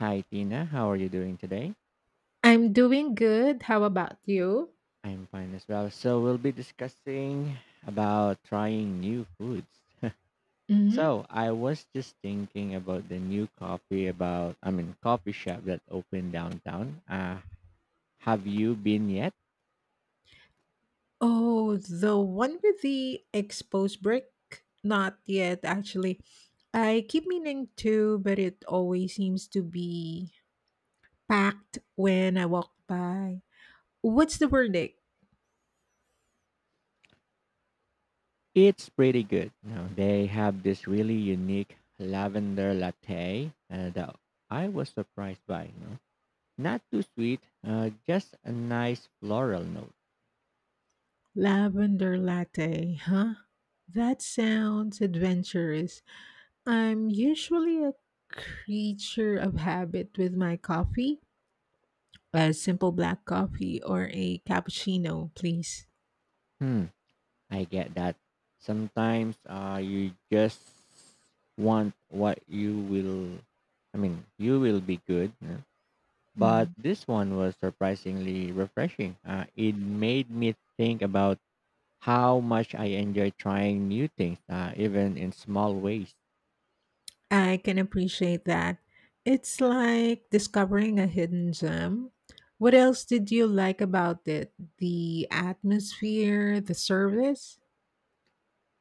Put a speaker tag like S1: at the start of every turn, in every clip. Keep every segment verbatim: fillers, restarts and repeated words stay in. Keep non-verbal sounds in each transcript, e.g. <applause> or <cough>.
S1: Hi Tina, how are you doing today?
S2: I'm doing good. How about you?
S1: I'm fine as well. So we'll be discussing about trying new foods.
S2: Hmm.
S1: So I was just thinking about the new coffee about I mean coffee shop that opened downtown. Uh have you been yet?
S2: Oh, the one with the exposed brick? Not yet, actually. I keep meaning to, but it always seems to be packed when I walk by. What's the verdict?
S1: It's pretty good. Now they have this really unique lavender latte uh, that I was surprised by, you know. Not too sweet, uh, just a nice floral note.
S2: Lavender latte, huh? That sounds adventurous. I'm usually a creature of habit with my coffee. A simple black coffee or a cappuccino, please.
S1: Hmm. I get that. Sometimes uh, you just want what you will, I mean, you will be good. Yeah. But
S2: Mm.
S1: this one was surprisingly refreshing. Uh, it made me think about how much I enjoy trying new things, uh, even in small ways.
S2: I can appreciate that. It's like discovering a hidden gem. What else did you like about it? The atmosphere, the service?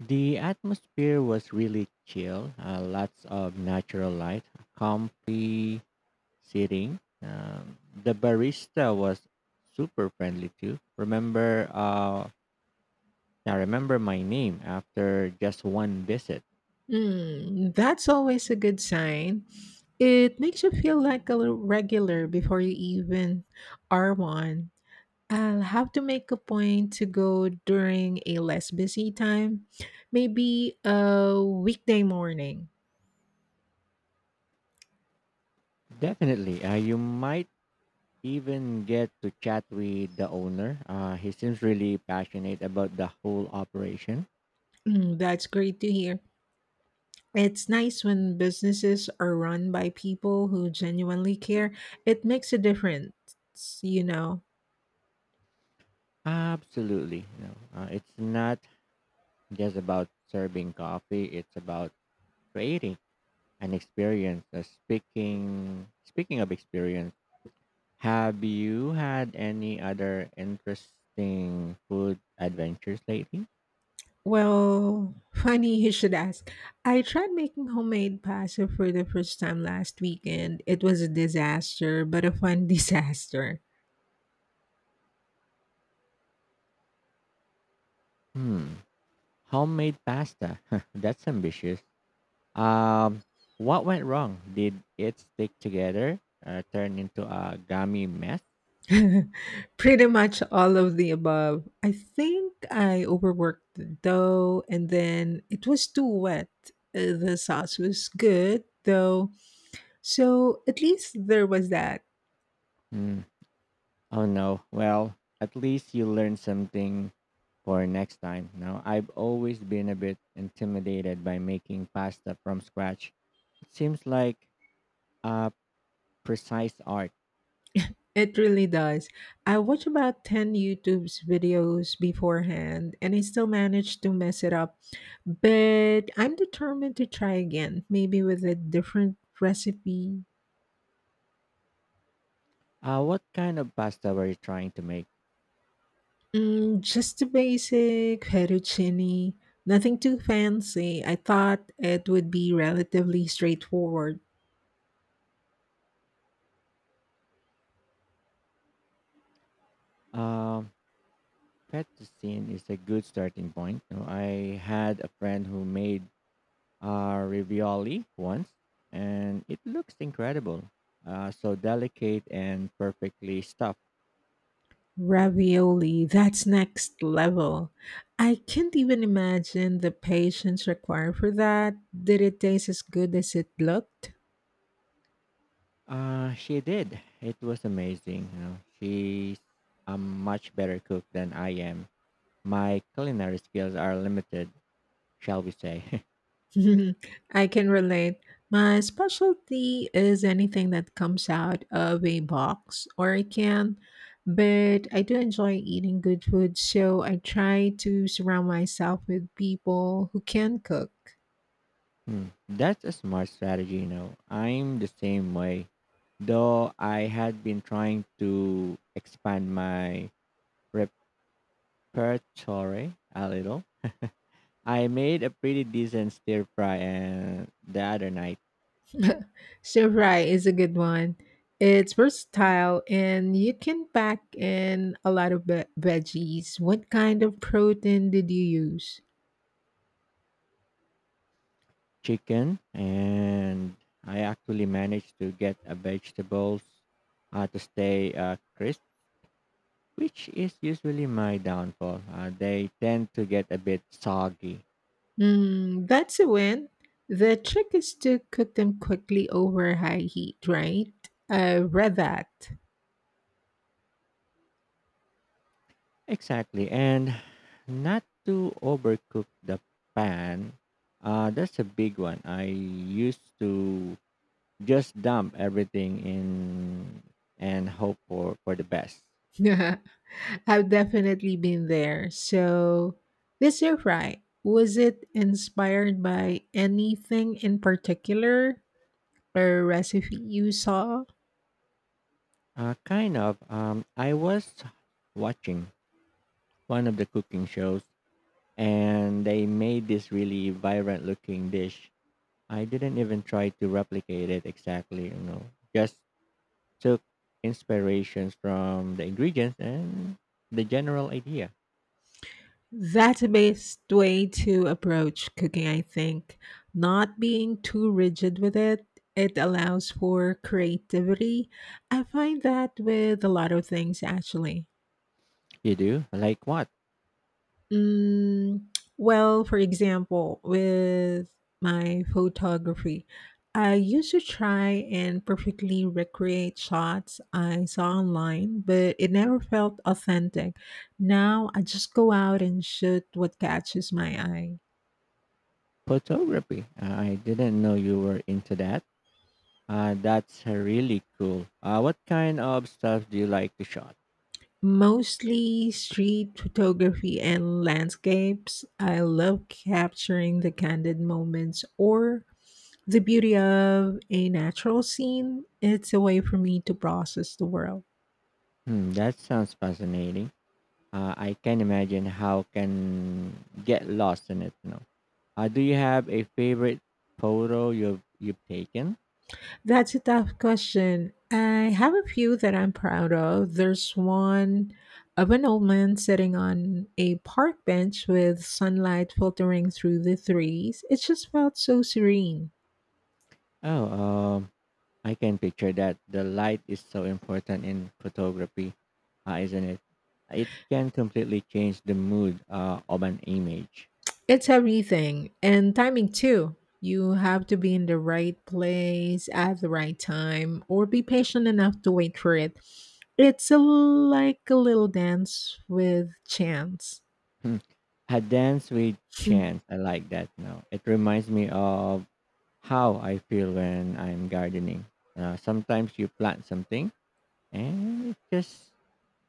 S1: The atmosphere was really chill, uh, lots of natural light, comfy sitting. Um, the barista was super friendly too. Remember, uh, I remember my name after just one visit.
S2: Mm, that's always a good sign. It makes you feel like a little regular before you even are one. I'll have to make a point to go during a less busy time, maybe a weekday morning.
S1: Definitely, uh, you might even get to chat with the owner. Uh, he seems really passionate about the whole operation.
S2: Mm, that's great to hear. It's nice when businesses are run by people who genuinely care. It makes a difference, you know.
S1: Absolutely, you know, uh, it's not just about serving coffee. It's about creating an experience. Uh, speaking speaking of experience. Have you had any other interesting food adventures lately?
S2: Well, <laughs> funny you should ask. I tried making homemade pasta for the first time last weekend. It was a disaster, but a fun <laughs> disaster.
S1: Hmm. Homemade pasta. <laughs> That's ambitious. Um, what went wrong? Did it stick together? Uh, turn into a gummy mess?
S2: <laughs> Pretty much all of the above. I think I overworked the dough and then it was too wet. Uh, The sauce was good though. So at least there was that.
S1: Hmm. Oh no. Well, at least you learned something for next time. Now, I've always been a bit intimidated by making pasta from scratch. It seems like a precise art.
S2: It really does. I watched about ten YouTube's videos beforehand and I still managed to mess it up. But I'm determined to try again, maybe with a different recipe.
S1: Uh, what kind of pasta were you trying to make?
S2: Mm, just a basic fettuccine, nothing too fancy. I thought it would be relatively straightforward.
S1: Um, Fettuccine is a good starting point. You know, I had a friend who made uh, ravioli once, and it looks incredible. Uh, so delicate and perfectly stuffed.
S2: Ravioli, that's next level. I can't even imagine the patience required for that. Did it taste as good as it looked?
S1: Uh, she did. It was amazing. You know, she's a much better cook than I am. My culinary skills are limited, shall we say? <laughs>
S2: <laughs> I can relate. My specialty is anything that comes out of a box or a can, but I do enjoy eating good food, so I try to surround myself with people who can cook.
S1: Hmm. That's a smart strategy, you know. I'm the same way, though I had been trying to expand my repertoire a little. I made a pretty decent stir fry and the other night
S2: <laughs> Stir fry is a good one. It's versatile and you can pack in a lot of ve- veggies. What kind of protein did you use?
S1: chicken, and I actually managed to get a vegetables uh, to stay uh, crisp, which is usually my downfall. Uh, they tend to get a bit soggy.
S2: Mm, that's a win. The trick is to cook them quickly over high heat, right? I read that.
S1: Exactly, and not to overcook the pan. Uh, that's a big one. I used to just dump everything in and hope for, for the best.
S2: <laughs> I've definitely been there. So, this air fry, was it inspired by anything in particular or recipe you saw?
S1: Uh, kind of. Um, I was watching one of the cooking shows, and they made this really vibrant looking dish. I didn't even try to replicate it exactly, you know, just took inspirations from the ingredients and the general idea.
S2: That's the best way to approach cooking, I think. Not being too rigid with it, it allows for creativity. I find that with a lot of things, actually.
S1: You do? Like what?
S2: Mm, well, for example, with my photography, I used to try and perfectly recreate shots I saw online, but it never felt authentic. Now I just go out and shoot what catches my eye.
S1: Photography. I didn't know you were into that. Uh, that's really cool. Uh, what kind of stuff do you like to shot?
S2: Mostly street photography and landscapes. I love capturing the candid moments or the beauty of a natural scene. It's a way for me to process the world.
S1: Hmm, that sounds fascinating. Uh, I can imagine how can get lost in it. You know. Uh, do you have a favorite photo you've you've taken?
S2: That's a tough question. I have a few that I'm proud of. There's one of an old man sitting on a park bench with sunlight filtering through the trees. It just felt so serene.
S1: Oh, um, I can picture that. The light is so important in photography, uh, isn't it? It can completely change the mood uh, of an image.
S2: It's everything, and timing too. You have to be in the right place at the right time or be patient enough to wait for it. It's a, like a little dance with chance.
S1: Hmm. A dance with
S2: <laughs>
S1: chance. I like that now. It reminds me of how I feel when I'm gardening. Uh, sometimes you plant something and it just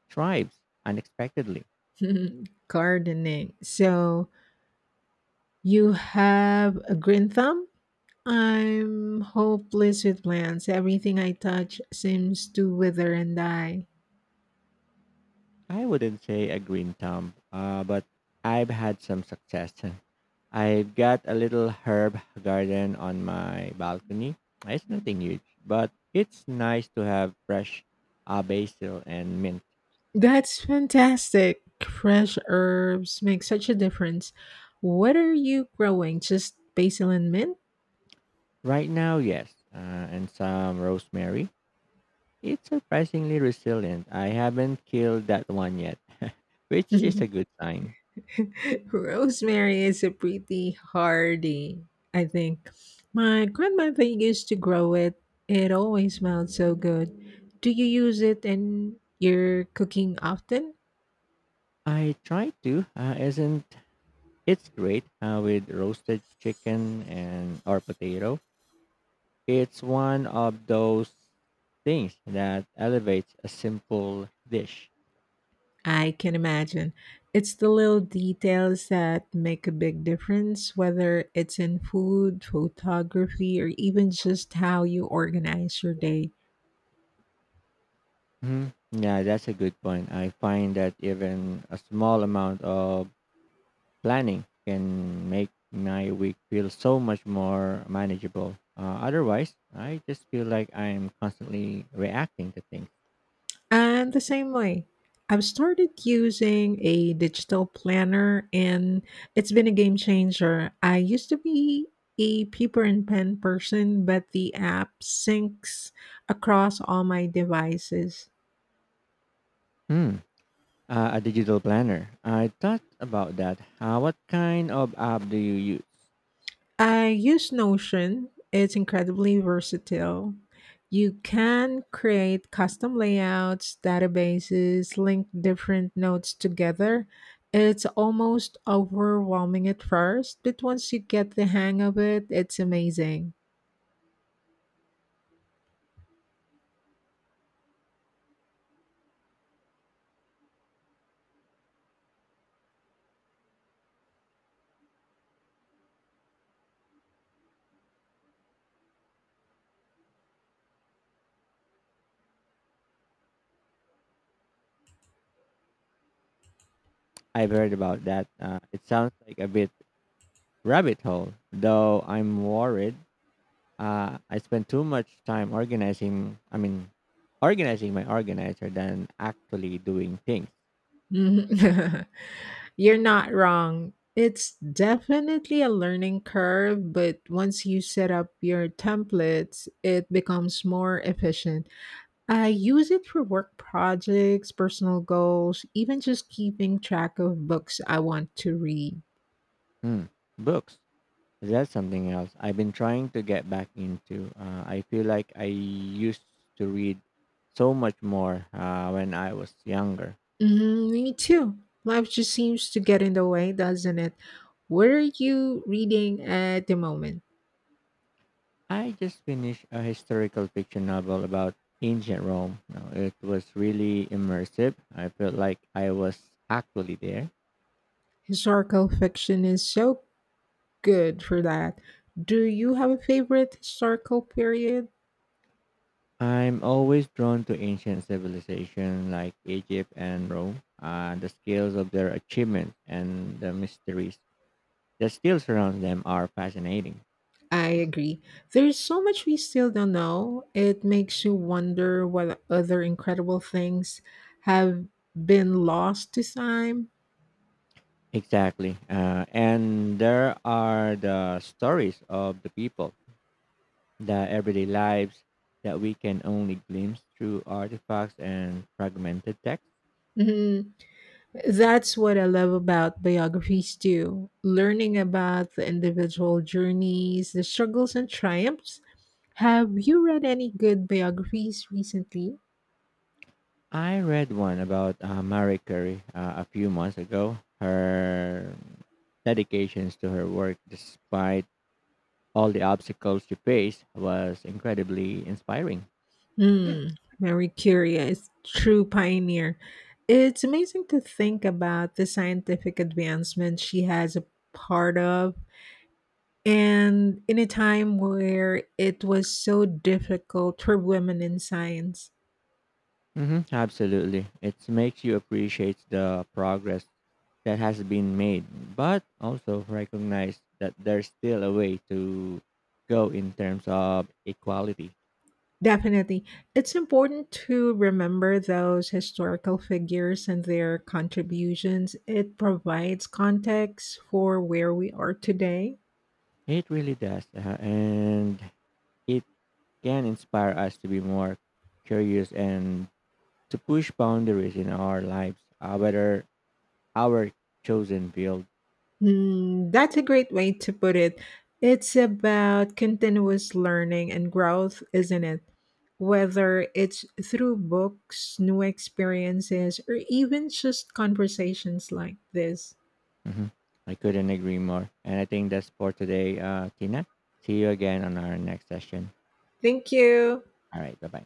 S1: thrives unexpectedly.
S2: Gardening. So you have a green thumb? I'm hopeless with plants. Everything I touch seems to wither and die.
S1: I wouldn't say a green thumb, uh, but I've had some success. <laughs> I've got a little herb garden on my balcony. It's nothing huge, but it's nice to have fresh uh, basil and mint.
S2: That's fantastic. Fresh herbs make such a difference. What are you growing? Just basil and mint?
S1: Right now, yes, uh, and some rosemary. It's surprisingly resilient. I haven't killed that one yet, <laughs> which is a
S2: <laughs>
S1: good sign.
S2: Rosemary is a pretty hardy, I think. My grandmother used to grow it. It always smelled so good. Do you use it in your cooking often?
S1: I tried to, uh, isn't it's great uh, with roasted chicken and or potato. It's one of those things that elevates a simple dish.
S2: I can imagine. It's the little details that make a big difference, whether it's in food, photography, or even just how you organize your day.
S1: Hmm. Yeah, that's a good point. I find that even a small amount of planning can make my week feel so much more manageable. Uh, otherwise, I just feel like I'm constantly reacting to things.
S2: And the same way. I've started using a digital planner and it's been a game changer. I used to be a paper and pen person, but the app syncs across all my devices.
S1: Hmm. Uh, a digital planner. I thought about that. Uh, what kind of app do you use?
S2: I use Notion. It's incredibly versatile. You can create custom layouts, databases, link different notes together. It's almost overwhelming at first, but once you get the hang of it, it's amazing.
S1: I've heard about that. Uh, it sounds like a bit rabbit hole. Though I'm worried, uh, I spend too much time organizing. I mean, organizing my organizer than actually doing things.
S2: Mhm. <laughs> You're not wrong. It's definitely a learning curve, but once you set up your templates, it becomes more efficient. I use it for work projects, personal goals, even just keeping track of books I want to read.
S1: Hmm. Books. That's something else I've been trying to get back into. Uh, I feel like I used to read so much more uh, when I was younger.
S2: Mhm, me too. Life just seems to get in the way, doesn't it? What are you reading at the moment?
S1: I just finished a historical fiction novel about ancient Rome. Now, it was really immersive. I felt like I was actually there.
S2: Historical fiction is so good for that. Do you have a favorite historical period?
S1: I'm always drawn to ancient civilization like Egypt and Rome, uh, the scales of their achievements and the mysteries that still surround them are fascinating.
S2: I agree. There's so much we still don't know. It makes you wonder what other incredible things have been lost to time.
S1: Exactly. Uh, and there are the stories of the people, the everyday lives that we can only glimpse through artifacts and fragmented texts.
S2: Mhm. That's what I love about biographies too. Learning about the individual journeys, the struggles and triumphs. Have you read any good biographies recently?
S1: I read one about uh, Marie Curie uh, a few months ago. Her dedications to her work, despite all the obstacles she faced, was incredibly inspiring.
S2: Hmm, Mary Curie is true pioneer. It's amazing to think about the scientific advancement she has a part of, and in a time where it was so difficult for women in science.
S1: Hmm, absolutely. It makes you appreciate the progress that has been made, but also recognize that there's still a way to go in terms of equality.
S2: Definitely. It's important to remember those historical figures and their contributions. It provides context for where we are today.
S1: It really does. Uh, and it can inspire us to be more curious and to push boundaries in our lives, uh, whether our chosen field.
S2: Hmm, that's a great way to put it. It's about continuous learning and growth, isn't it? Whether it's through books, new experiences, or even just conversations like this.
S1: Mhm. I couldn't agree more. And I think that's for today, uh, Tina. See you again on our next session.
S2: Thank you.
S1: All right. Bye bye.